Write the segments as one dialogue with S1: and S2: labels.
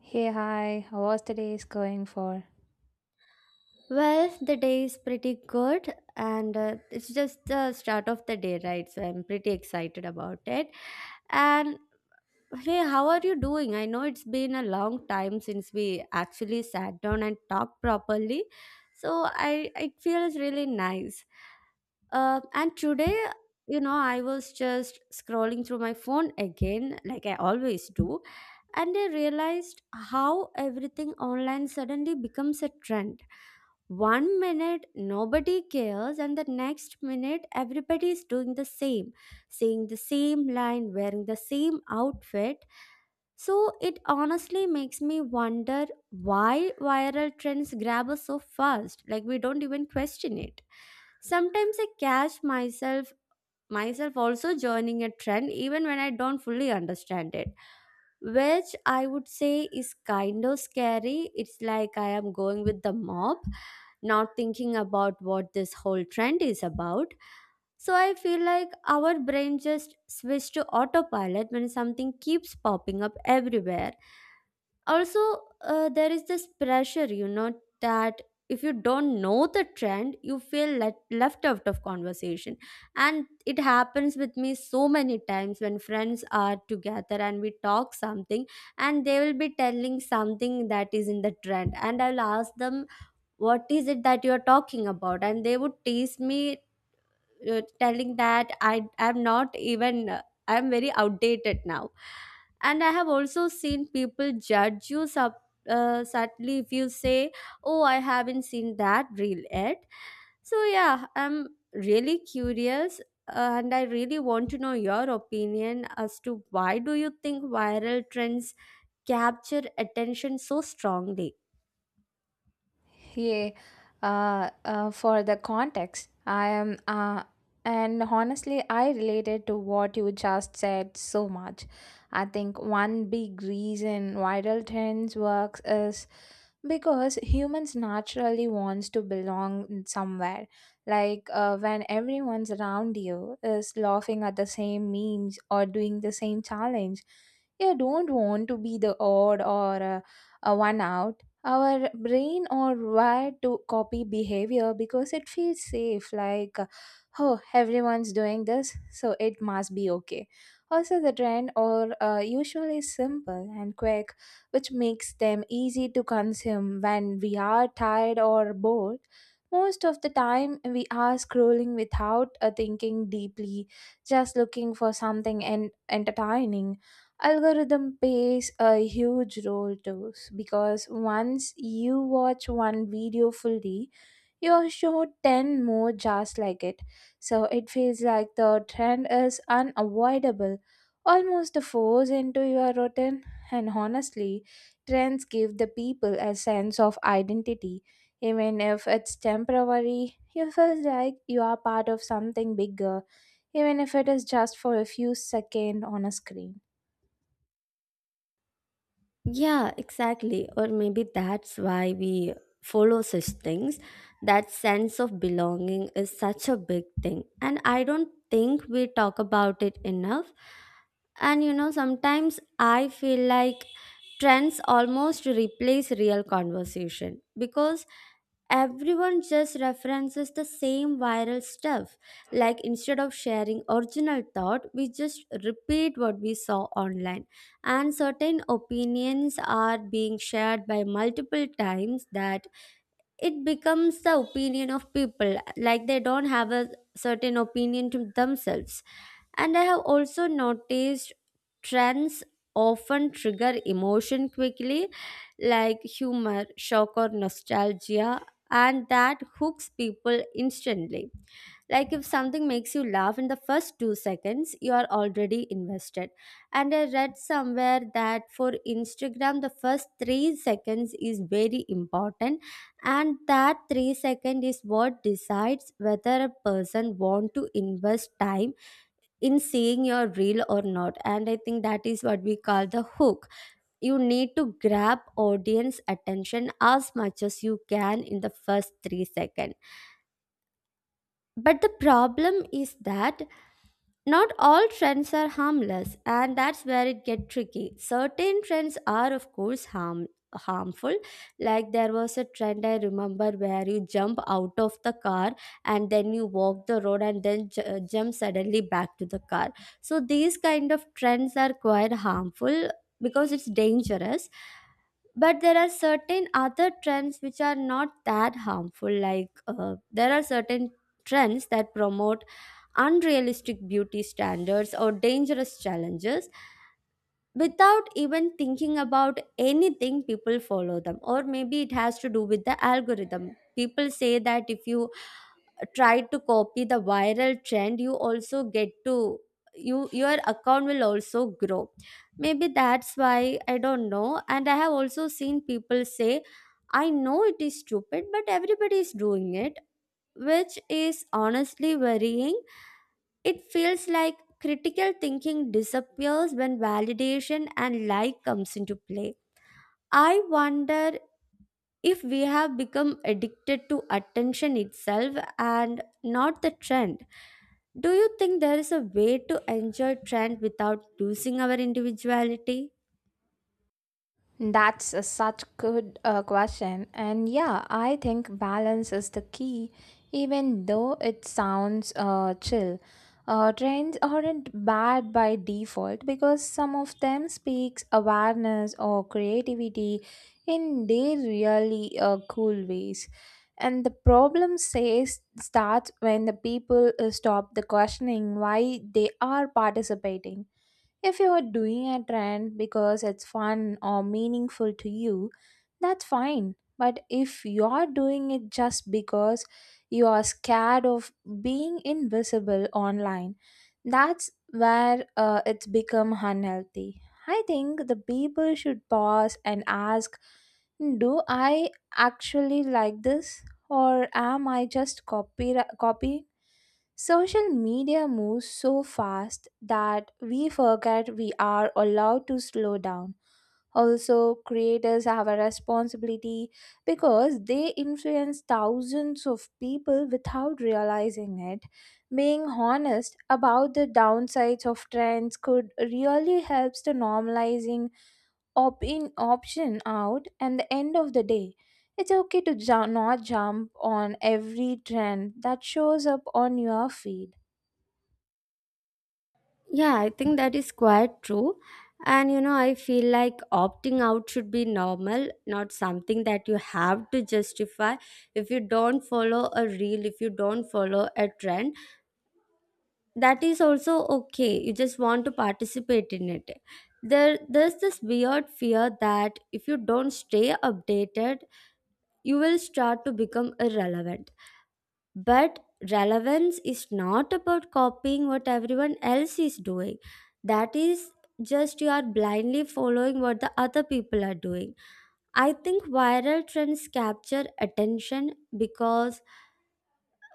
S1: Hey, hi, how was today's going for?
S2: Well, the day is pretty good, and it's just the start of the day, right? So I'm pretty excited about it. And hey, how are you doing? I know it's been a long time since we actually sat down and talked properly, so I it feels really nice. And today, I was just scrolling through my phone again, like I always do, and I realized how everything online suddenly becomes a trend. One minute nobody cares, and the next minute everybody is doing the same, saying the same line, wearing the same outfit. So it honestly makes me wonder why viral trends grab us so fast, like we don't even question it. Sometimes I catch myself also joining a trend even when I don't fully understand it. Which I would say is kind of scary. It's like I am going with the mob, not thinking about what this whole trend is about. So I feel like our brain just switched to autopilot when something keeps popping up everywhere. Also, there is this pressure that if you don't know the trend, you feel left out of conversation. And it happens with me so many times when friends are together and we talk something, and they will be telling something that is in the trend, and I'll ask them what is it that you are talking about, and they would tease me, telling that I am not even I am very outdated now. And I have also seen people judge you subtly if you say, "Oh, I haven't seen that reel yet." So yeah, I'm really curious. And I really want to know your opinion as to why do you think viral trends capture attention so strongly?
S1: Yeah, for the context, I am, and honestly, I related to what you just said so much. I think one big reason viral trends works is because humans naturally wants to belong somewhere. Like when everyone's around you is laughing at the same memes or doing the same challenge, you don't want to be the odd or a one out. Our brain are wired to copy behavior because it feels safe, like oh, everyone's doing this, so it must be okay. Also, the trend are usually simple and quick, which makes them easy to consume when we are tired or bored. Most of the time we are scrolling without thinking deeply, just looking for something entertaining. Algorithm plays a huge role too, because once you watch one video fully, you're shown 10 more just like it. So it feels like the trend is unavoidable, almost a force into your routine. And honestly, trends give the people a sense of identity. Even if it's temporary, you feel like you are part of something bigger, even if it is just for a few seconds on a screen.
S2: Yeah, exactly. Or maybe that's why we follow such things. That sense of belonging is such a big thing. And I don't think we talk about it enough. And sometimes I feel like trends almost replace real conversation because everyone just references the same viral stuff. Like instead of sharing original thought, we just repeat what we saw online, and certain opinions are being shared by multiple times that it becomes the opinion of people, like they don't have a certain opinion to themselves. And I have also noticed trends often trigger emotion quickly, like humor, shock, or nostalgia, and that hooks people instantly. Like if something makes you laugh in the first 2 seconds, you are already invested. And I read somewhere that for Instagram, the first 3 seconds is very important, and that 3 second is what decides whether a person want to invest time in seeing your reel or not. And I think that is what we call the hook. You need to grab audience attention as much as you can in the first 3 seconds. But the problem is that not all trends are harmless, and that's where it gets tricky. Certain trends are, of course, harmful. Like there was a trend I remember where you jump out of the car, and then you walk the road, and then jump suddenly back to the car. So these kind of trends are quite harmful because it's dangerous. But there are certain other trends which are not that harmful, like there are certain trends that promote unrealistic beauty standards or dangerous challenges. Without even thinking about anything, people follow them. Or maybe it has to do with the algorithm. People say that if you try to copy the viral trend, you also get to your account will also grow. Maybe that's why, I don't know. And I have also seen people say, "I know it is stupid, but everybody is doing it," which is honestly worrying. It feels like critical thinking disappears when validation and like comes into play. I wonder if we have become addicted to attention itself and not the trend. Do you think there is a way to enjoy trend without losing our individuality?
S1: That's a such good question. And yeah, I think balance is the key, even though it sounds chill. Trends aren't bad by default because some of them speaks awareness or creativity in their really cool ways. And the problem says starts when the people stop the questioning why they are participating. If you are doing a trend because it's fun or meaningful to you, that's fine. But if you are doing it just because you are scared of being invisible online, that's where it's become unhealthy. I think the people should pause and ask, do I actually like this, or am I just copying? Social media moves so fast that we forget we are allowed to slow down. Also, creators have a responsibility because they influence thousands of people without realizing it. Being honest about the downsides of trends could really help to normalizing opt in, option out, and the end of the day. It's okay to not jump on every trend that shows up on your feed.
S2: Yeah, I think that is quite true. And I feel like opting out should be normal, not something that you have to justify. If you don't follow a reel, if you don't follow a trend, that is also okay. You just want to participate in it. There's this weird fear that if you don't stay updated, you will start to become irrelevant. But relevance is not about copying what everyone else is doing. That is just you are blindly following what the other people are doing. I think viral trends capture attention because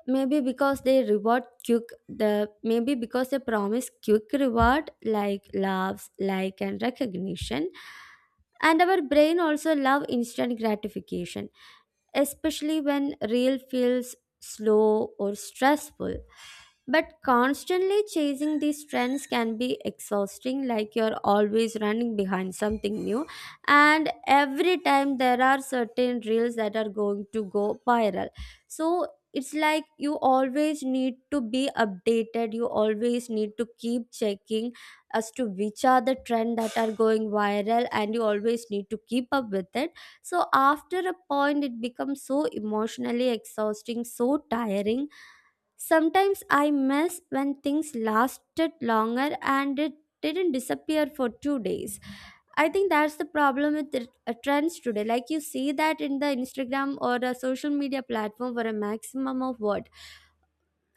S2: maybe because they promise quick reward, like laughs, like and recognition. And our brain also love instant gratification, especially when real feels slow or stressful. But constantly chasing these trends can be exhausting, like you're always running behind something new. And every time there are certain reels that are going to go viral. So it's like you always need to be updated, you always need to keep checking as to which are the trend that are going viral, and you always need to keep up with it. So after a point, it becomes so emotionally exhausting, so tiring. Sometimes I miss when things lasted longer and it didn't disappear for 2 days. I think that's the problem with the trends today. Like you see that in the Instagram or a social media platform for a maximum of what?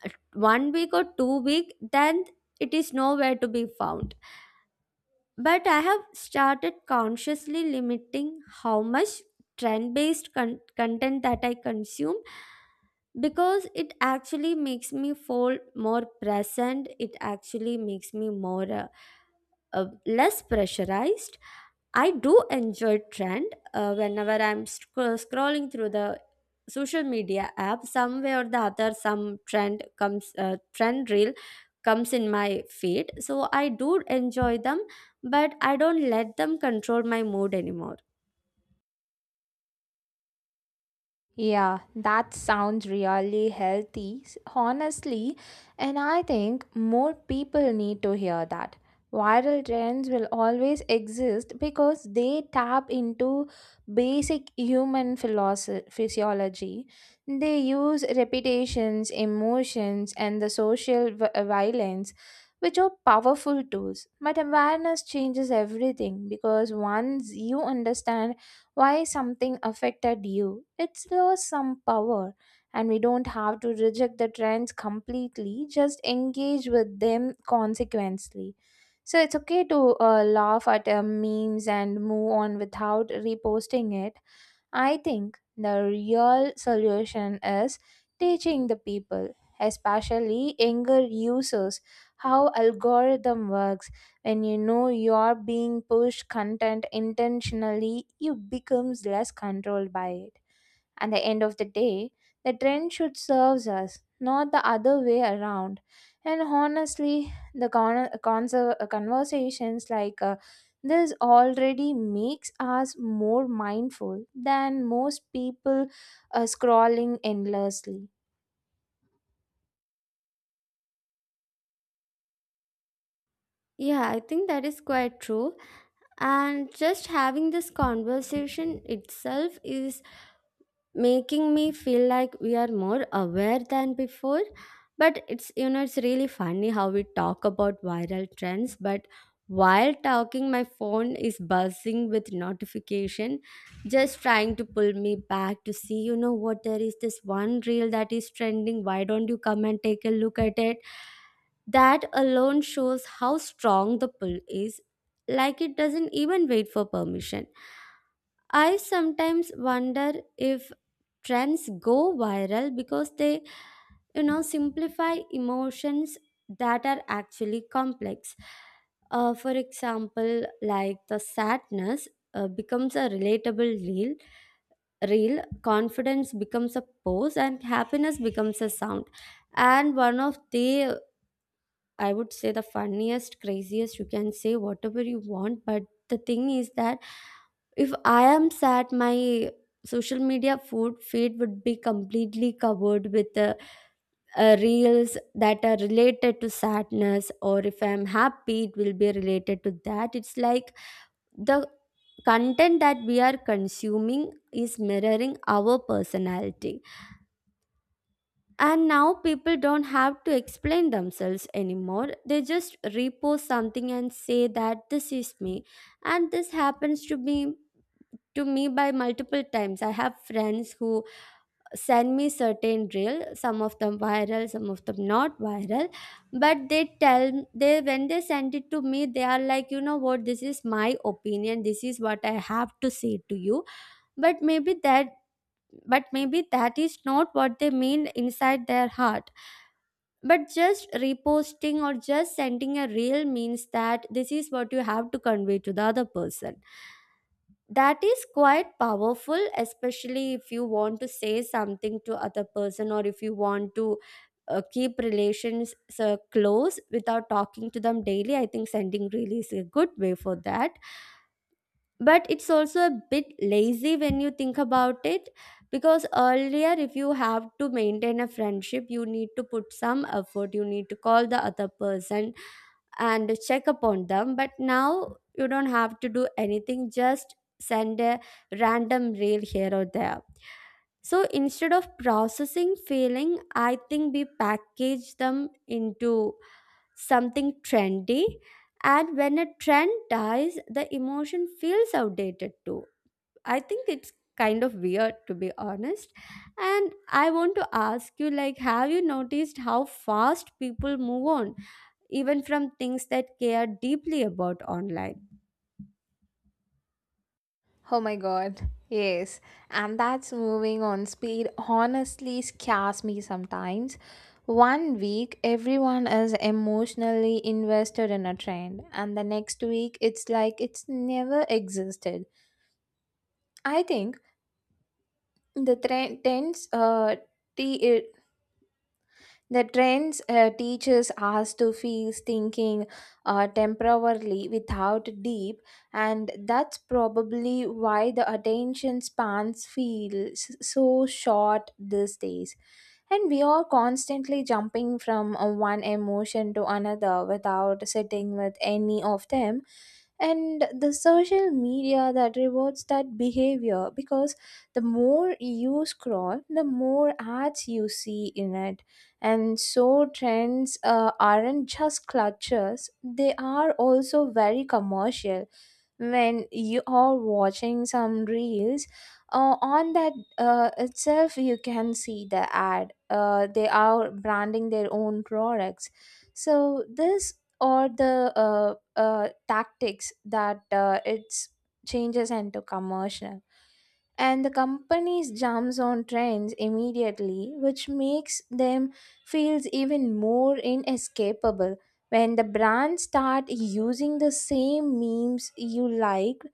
S2: Uh, One week or 2 week, then it is nowhere to be found. But I have started consciously limiting how much trend based content that I consume, because it actually makes me feel more present. It actually makes me more less pressurized. I do enjoy trend whenever I'm scrolling through the social media app. Some way or the other, some trend comes, trend reel comes in my feed. So I do enjoy them, but I don't let them control my mood anymore.
S1: Yeah, that sounds really healthy, honestly, and I think more people need to hear that. Viral trends will always exist because they tap into basic human physiology. They use reputations, emotions, and the social violence, which are powerful tools. But awareness changes everything because once you understand why something affected you, it's lost some power, and we don't have to reject the trends completely, just engage with them consequently. So it's okay to laugh at memes and move on without reposting it. I think the real solution is teaching the people, especially younger users, how algorithm works. When you know you're being pushed content intentionally, you becomes less controlled by it. At the end of the day, the trend should serve us, not the other way around. And honestly, the conversations like this already makes us more mindful than most people scrolling endlessly.
S2: Yeah, I think that is quite true. And just having this conversation itself is making me feel like we are more aware than before. But it's you know it's really funny how we talk about viral trends, but while talking my phone is buzzing with notification, just trying to pull me back to see, you know what, there is this one reel that is trending, why don't you come and take a look at it. That alone shows how strong the pull is, like it doesn't even wait for permission. I sometimes wonder if trends go viral because they simplify emotions that are actually complex. For example, like the sadness becomes a relatable reel. Real confidence becomes a pose, and happiness becomes a sound. And one of the I would say the funniest, craziest, you can say whatever you want. But the thing is that if I am sad, my social media food feed would be completely covered with reels that are related to sadness, or if I'm happy, it will be related to that. It's like the content that we are consuming is mirroring our personality. And now people don't have to explain themselves anymore. They just repost something and say that this is me. And this happens to me by multiple times. I have friends who send me certain reel, some of them viral, some of them not viral. But they, when they send it to me, they are like, you know what, this is my opinion, this is what I have to say to you. But maybe that but maybe that is not what they mean inside their heart. But just reposting or just sending a reel means that this is what you have to convey to the other person. That is quite powerful, especially if you want to say something to other person, or if you want to keep relations close without talking to them daily. I think sending reel is a good way for that, but it's also a bit lazy when you think about it. Because earlier if you have to maintain a friendship you need to put some effort, you need to call the other person and check upon them. But now you don't have to do anything, just send a random reel here or there. So instead of processing feeling I think we package them into something trendy. And when a trend dies the emotion feels outdated too. I think it's kind of weird to be honest. And I want to ask you, like, have you noticed how fast people move on, even from things that care deeply about online?
S1: Oh my god. Yes. And that's moving on speed honestly scares me sometimes. One week everyone is emotionally invested in a trend, and the next week it's like it's never existed. I think the trend tends uh, t- the trends teaches us to fix thinking temporarily without deep, and that's probably why the attention spans feel so short these days. And we are constantly jumping from one emotion to another without sitting with any of them. And the social media that rewards that behavior, because the more you scroll, the more ads you see in it. And so trends aren't just clutches, they are also very commercial. When you are watching some reels on that itself, you can see the ad. They are branding their own products. So this are the tactics that it's changes into commercial. And the companies jumps on trends immediately, which makes them feels even more inescapable. When the brands start using the same memes you like,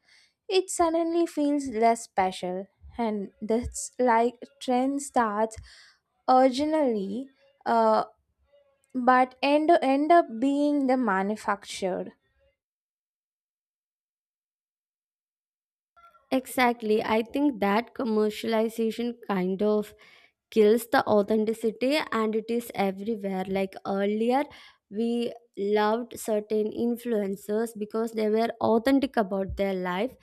S1: it suddenly feels less special. And that's like trend starts originally uh, but end up being the manufactured.
S2: Exactly. I think that commercialization kind of kills the authenticity and it is everywhere. Like earlier we loved certain influencers because they were authentic about their life.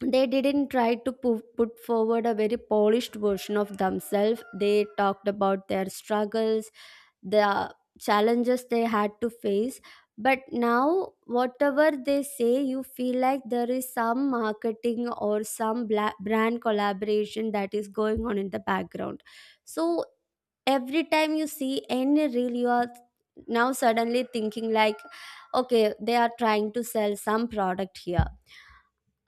S2: They didn't try to put forward a very polished version of themselves. They talked about their struggles, the challenges they had to face. But now whatever they say you feel like there is some marketing or some brand collaboration that is going on in the background. So every time you see any reel you are now suddenly thinking like, okay, they are trying to sell some product here.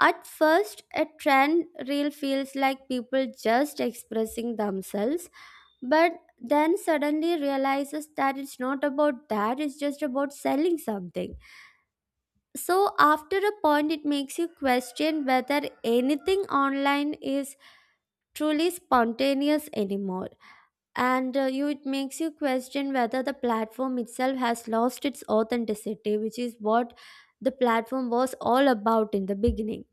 S2: At first, a trend reel feels like people just expressing themselves, but then suddenly realizes that it's not about that, it's just about selling something. So, after a point, it makes you question whether anything online is truly spontaneous anymore. And it makes you question whether the platform itself has lost its authenticity, which is what the platform was all about in the beginning.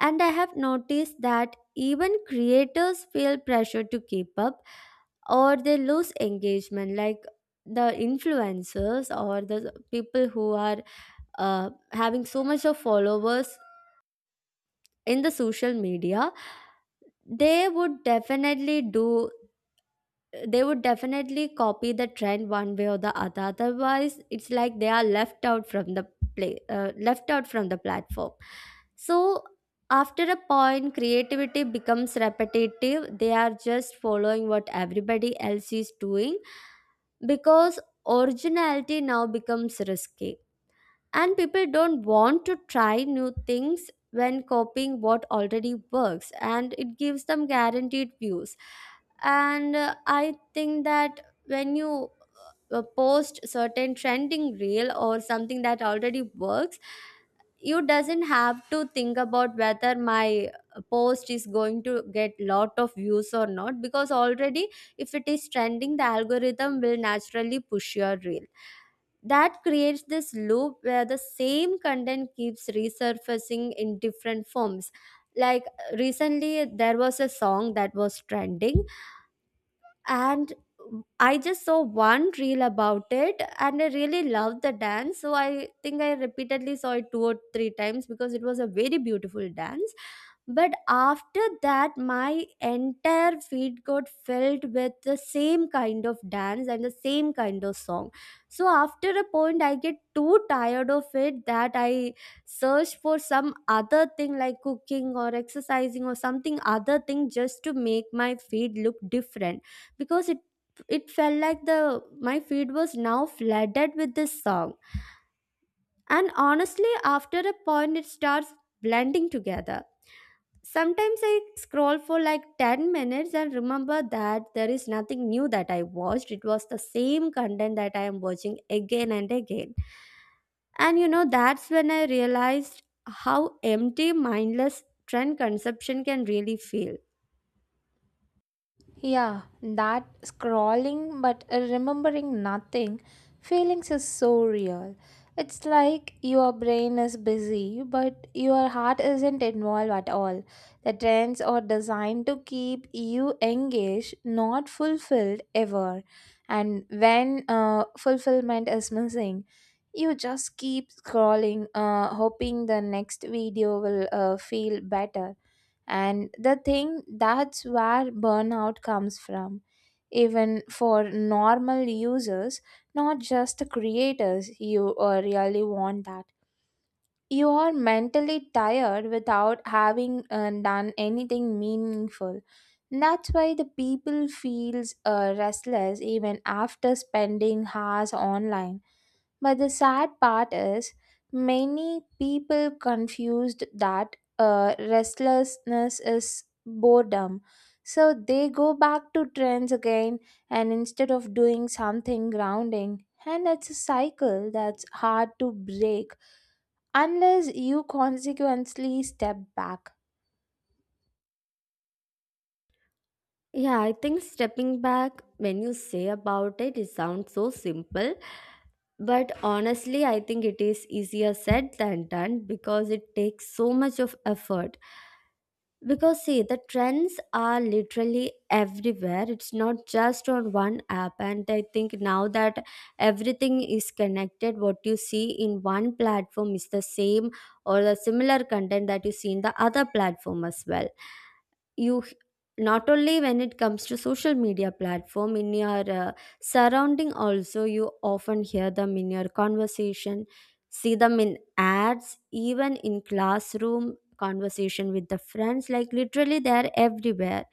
S2: And I have noticed that even creators feel pressure to keep up or they lose engagement. Like the influencers or the people who are having so much of followers in the social media, they would definitely do they would definitely copy the trend one way or the other. Otherwise it's like they are left out from the play left out from the platform. So after a point creativity becomes repetitive, they are just following what everybody else is doing. Because originality now becomes risky and people don't want to try new things when copying what already works and it gives them guaranteed views. And I think that when you post certain trending reel or something that already works, you doesn't have to think about whether my post is going to get lot of views or not. Because already if it is trending the algorithm will naturally push your reel. That creates this loop where the same content keeps resurfacing in different forms. Like recently there was a song that was trending and I just saw one reel about it and I really loved the dance. So I think I repeatedly saw it two or three times because it was a very beautiful dance. But after that, my entire feed got filled with the same kind of dance and the same kind of song. So after a point, I get too tired of it that I search for some other thing like cooking or exercising or something other thing just to make my feed look different. Because it felt like the my feed was now flooded with this song. And honestly after a point it starts blending together. Sometimes I scroll for like 10 minutes and remember that there is nothing new that I watched, it was the same content that I am watching again and again. And you know, that's when I realized how empty mindless trend consumption can really feel.
S1: Yeah, that scrolling but remembering nothing feelings is so real. It's like your brain is busy, but your heart isn't involved at all. The trends are designed to keep you engaged, not fulfilled ever. And when fulfillment is missing, you just keep scrolling, hoping the next video will feel better. And the thing, that's where burnout comes from, even for normal users, not just the creators. You really want that you are mentally tired without having done anything meaningful. That's why the people feels restless even after spending hours online. But the sad part is, many people confused that restlessness is boredom. So they go back to trends again, and instead of doing something grounding. And it's a cycle that's hard to break unless you consequently step back.
S2: Yeah, I think stepping back, when you say about it, it sounds so simple. But honestly, I think it is easier said than done because it takes so much of effort. Because see, the trends are literally everywhere. It's not just on one app. And I think now that everything is connected, what you see in one platform is the same or the similar content that you see in the other platform as well. You h- Not only when it comes to social media platform, in your surrounding also you often hear them in your conversation, see them in ads, even in classroom conversation with the friends. Like literally they're everywhere.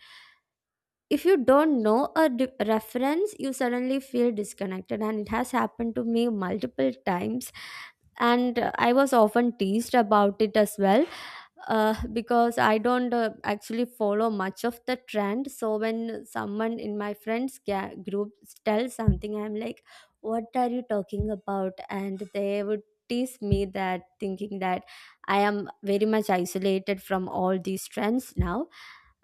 S2: If you don't know a reference you suddenly feel disconnected and it has happened to me multiple times. And I was often teased about it as well, because I don't actually follow much of the trend. So when someone in my friends group tells something, I'm like, "What are you talking about?" And they would tease me, that thinking that I am very much isolated from all these trends now.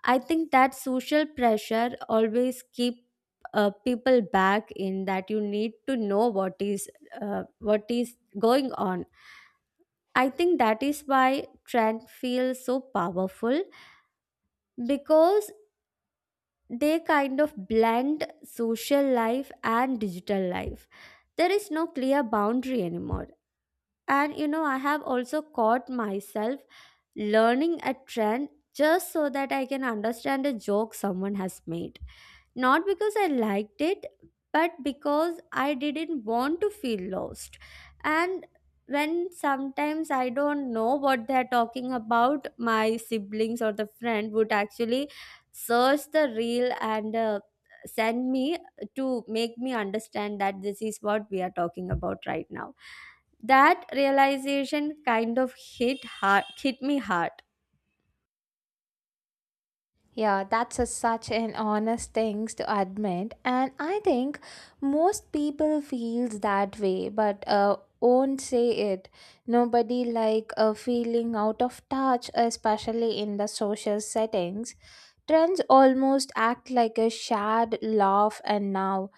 S2: I think that social pressure always keep people back in that. You need to know what is going on. I think that is why trend feels so powerful, because they kind of blend social life and digital life. There is no clear boundary anymore. And you know, I have also caught myself learning a trend just so that I can understand a joke someone has made. Not because I liked it, but because I didn't want to feel lost. And when sometimes I don't know what they're talking about, my siblings or the friend would actually search the reel and send me to make me understand that this is what we are talking about right now. That realization kind of hit me hard.
S1: Yeah, that's a, such an honest thing to admit, and I think most people feels that way, but won't say it. Nobody like a feeling out of touch, especially in the social settings. Trends almost act like a shared laugh, and now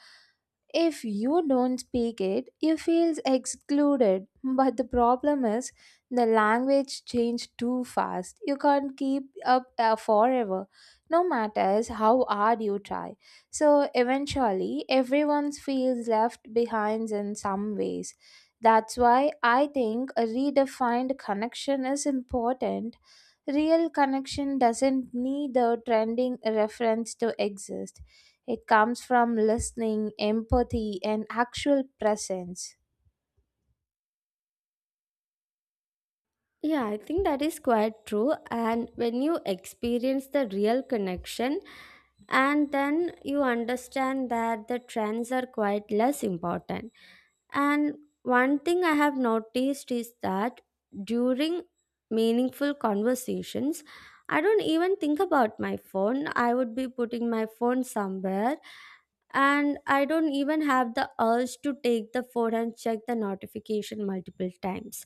S1: if you don't speak it, you feel excluded. But the problem is, the language changed too fast. You can't keep up forever, no matter how hard you try. So eventually, everyone feels left behind in some ways. That's why I think a redefined connection is important. Real connection doesn't need a trending reference to exist. It comes from listening, empathy, and actual presence.
S2: Yeah, I think that is quite true. And when you experience the real connection, and then you understand that the trends are quite less important. And one thing I have noticed is that during meaningful conversations, I don't even think about my phone. I would be putting my phone somewhere, and I don't even have the urge to take the phone and check the notification multiple times.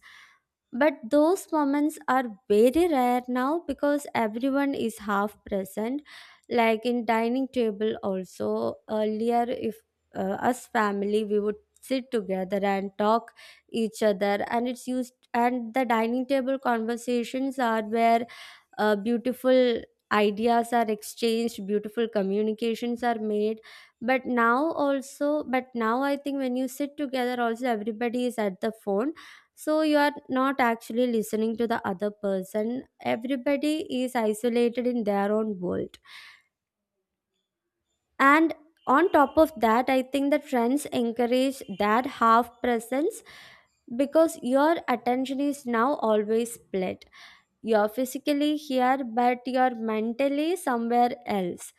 S2: But those moments are very rare now because everyone is half present. Like in dining table also earlier, if us family we would sit together and talk each other, and it's used and the dining table conversations are where beautiful ideas are exchanged, beautiful communications are made. But now I think when you sit together, also everybody is at the phone so you are not actually listening to the other person. Everybody is isolated in their own world. And on top of that, I think that friends encourage that half presence because your attention is now always split. You're physically here, but you're mentally somewhere else.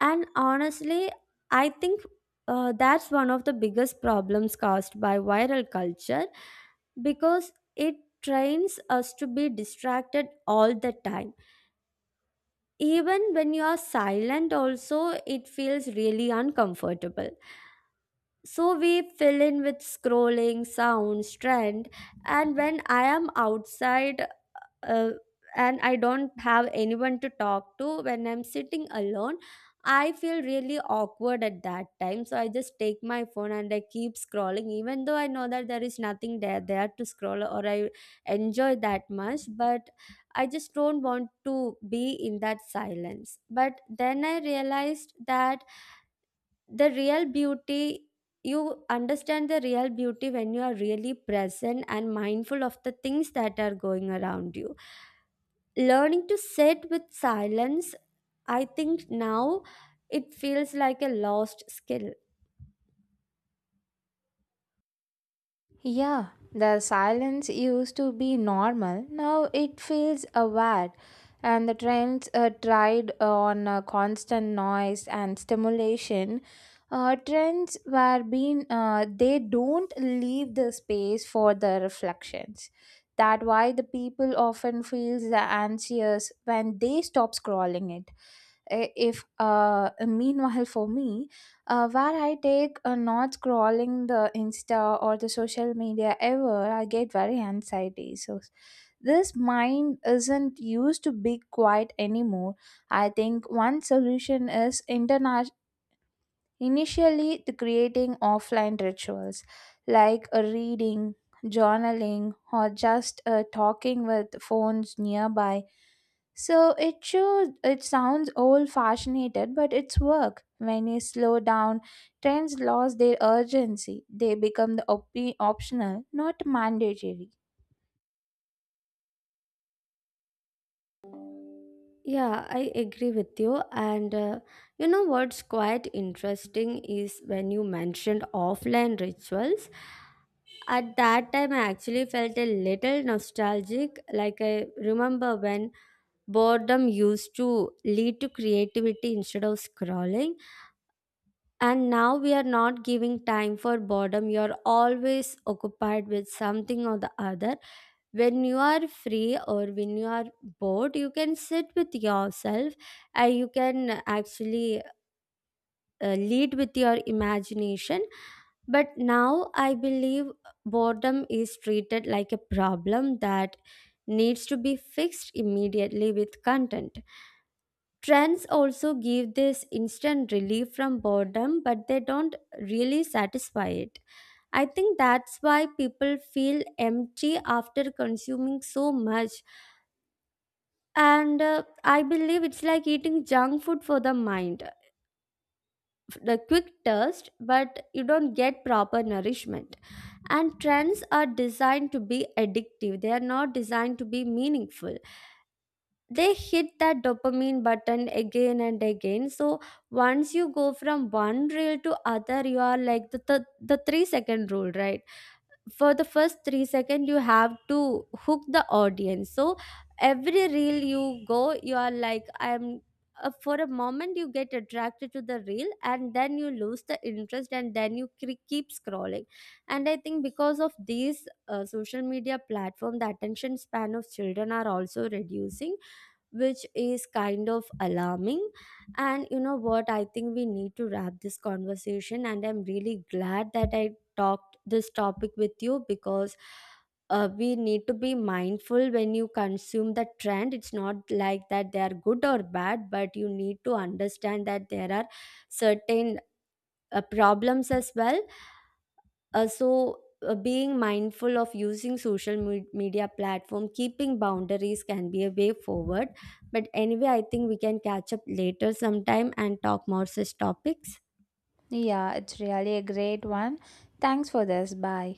S2: And honestly, I think that's one of the biggest problems caused by viral culture because it trains us to be distracted all the time. Even when you are silent, also, it feels really uncomfortable. So we fill in with scrolling, sounds, trend. And when I am outside uh, and I don't have anyone to talk to, when I'm sitting alone, I feel really awkward at that time. So I just take my phone and I keep scrolling, even though I know that there is nothing there to scroll or I enjoy that much. But I just don't want to be in that silence. But then I realized that the real beauty, you understand the real beauty when you are really present and mindful of the things that are going around you. Learning to sit with silence, I think now, it feels like a lost skill.
S1: Yeah, the silence used to be normal. Now it feels aware, and the trends tried on constant noise and stimulation. Trends were being they don't leave the space for the reflections. That why the people often feels the anxious when they stop scrolling it. If meanwhile for me, where I take a not scrolling the Insta or the social media ever, I get very anxiety. So this mind isn't used to be quiet anymore. I think one solution is initially, the creating offline rituals like a reading, journaling, or just talking with phones nearby. So it shows it sounds old fashioned, but it's work. When you slow down, trends lose their urgency. They become the optional, not mandatory.
S2: Yeah, I agree with you. And you know what's quite interesting is when you mentioned offline rituals at that time I actually felt a little nostalgic. Like I remember when boredom used to lead to creativity instead of scrolling. And now we are not giving time for boredom. You're always occupied with something or the other. When you are free or when you are bored, you can sit with yourself and you can actually lead with your imagination. But now I believe boredom is treated like a problem that needs to be fixed immediately with content. Trends also give this instant relief from boredom, but they don't really satisfy it. I think that's why people feel empty after consuming so much. And I believe it's like eating junk food for the mind. The quick thirst, but you don't get proper nourishment. And trends are designed to be addictive, they are not designed to be meaningful. They hit that dopamine button again and again. So once you go from one reel to other, you are like the 3-second rule, right? For the first 3 seconds you have to hook the audience. So every reel you go you are like, I'm for a moment you get attracted to the reel and then you lose the interest and then you keep scrolling. And I think because of these social media platform the attention span of children are also reducing, which is kind of alarming. And you know what, I think we need to wrap this conversation and I'm really glad that I talked this topic with you. Because we need to be mindful when you consume the trend. It's not like that they are good or bad, but you need to understand that there are certain problems as well. Being mindful of using social media platform, keeping boundaries can be a way forward. But anyway, I think we can catch up later sometime and talk more such topics.
S1: Yeah, it's really a great one. Thanks for this. Bye.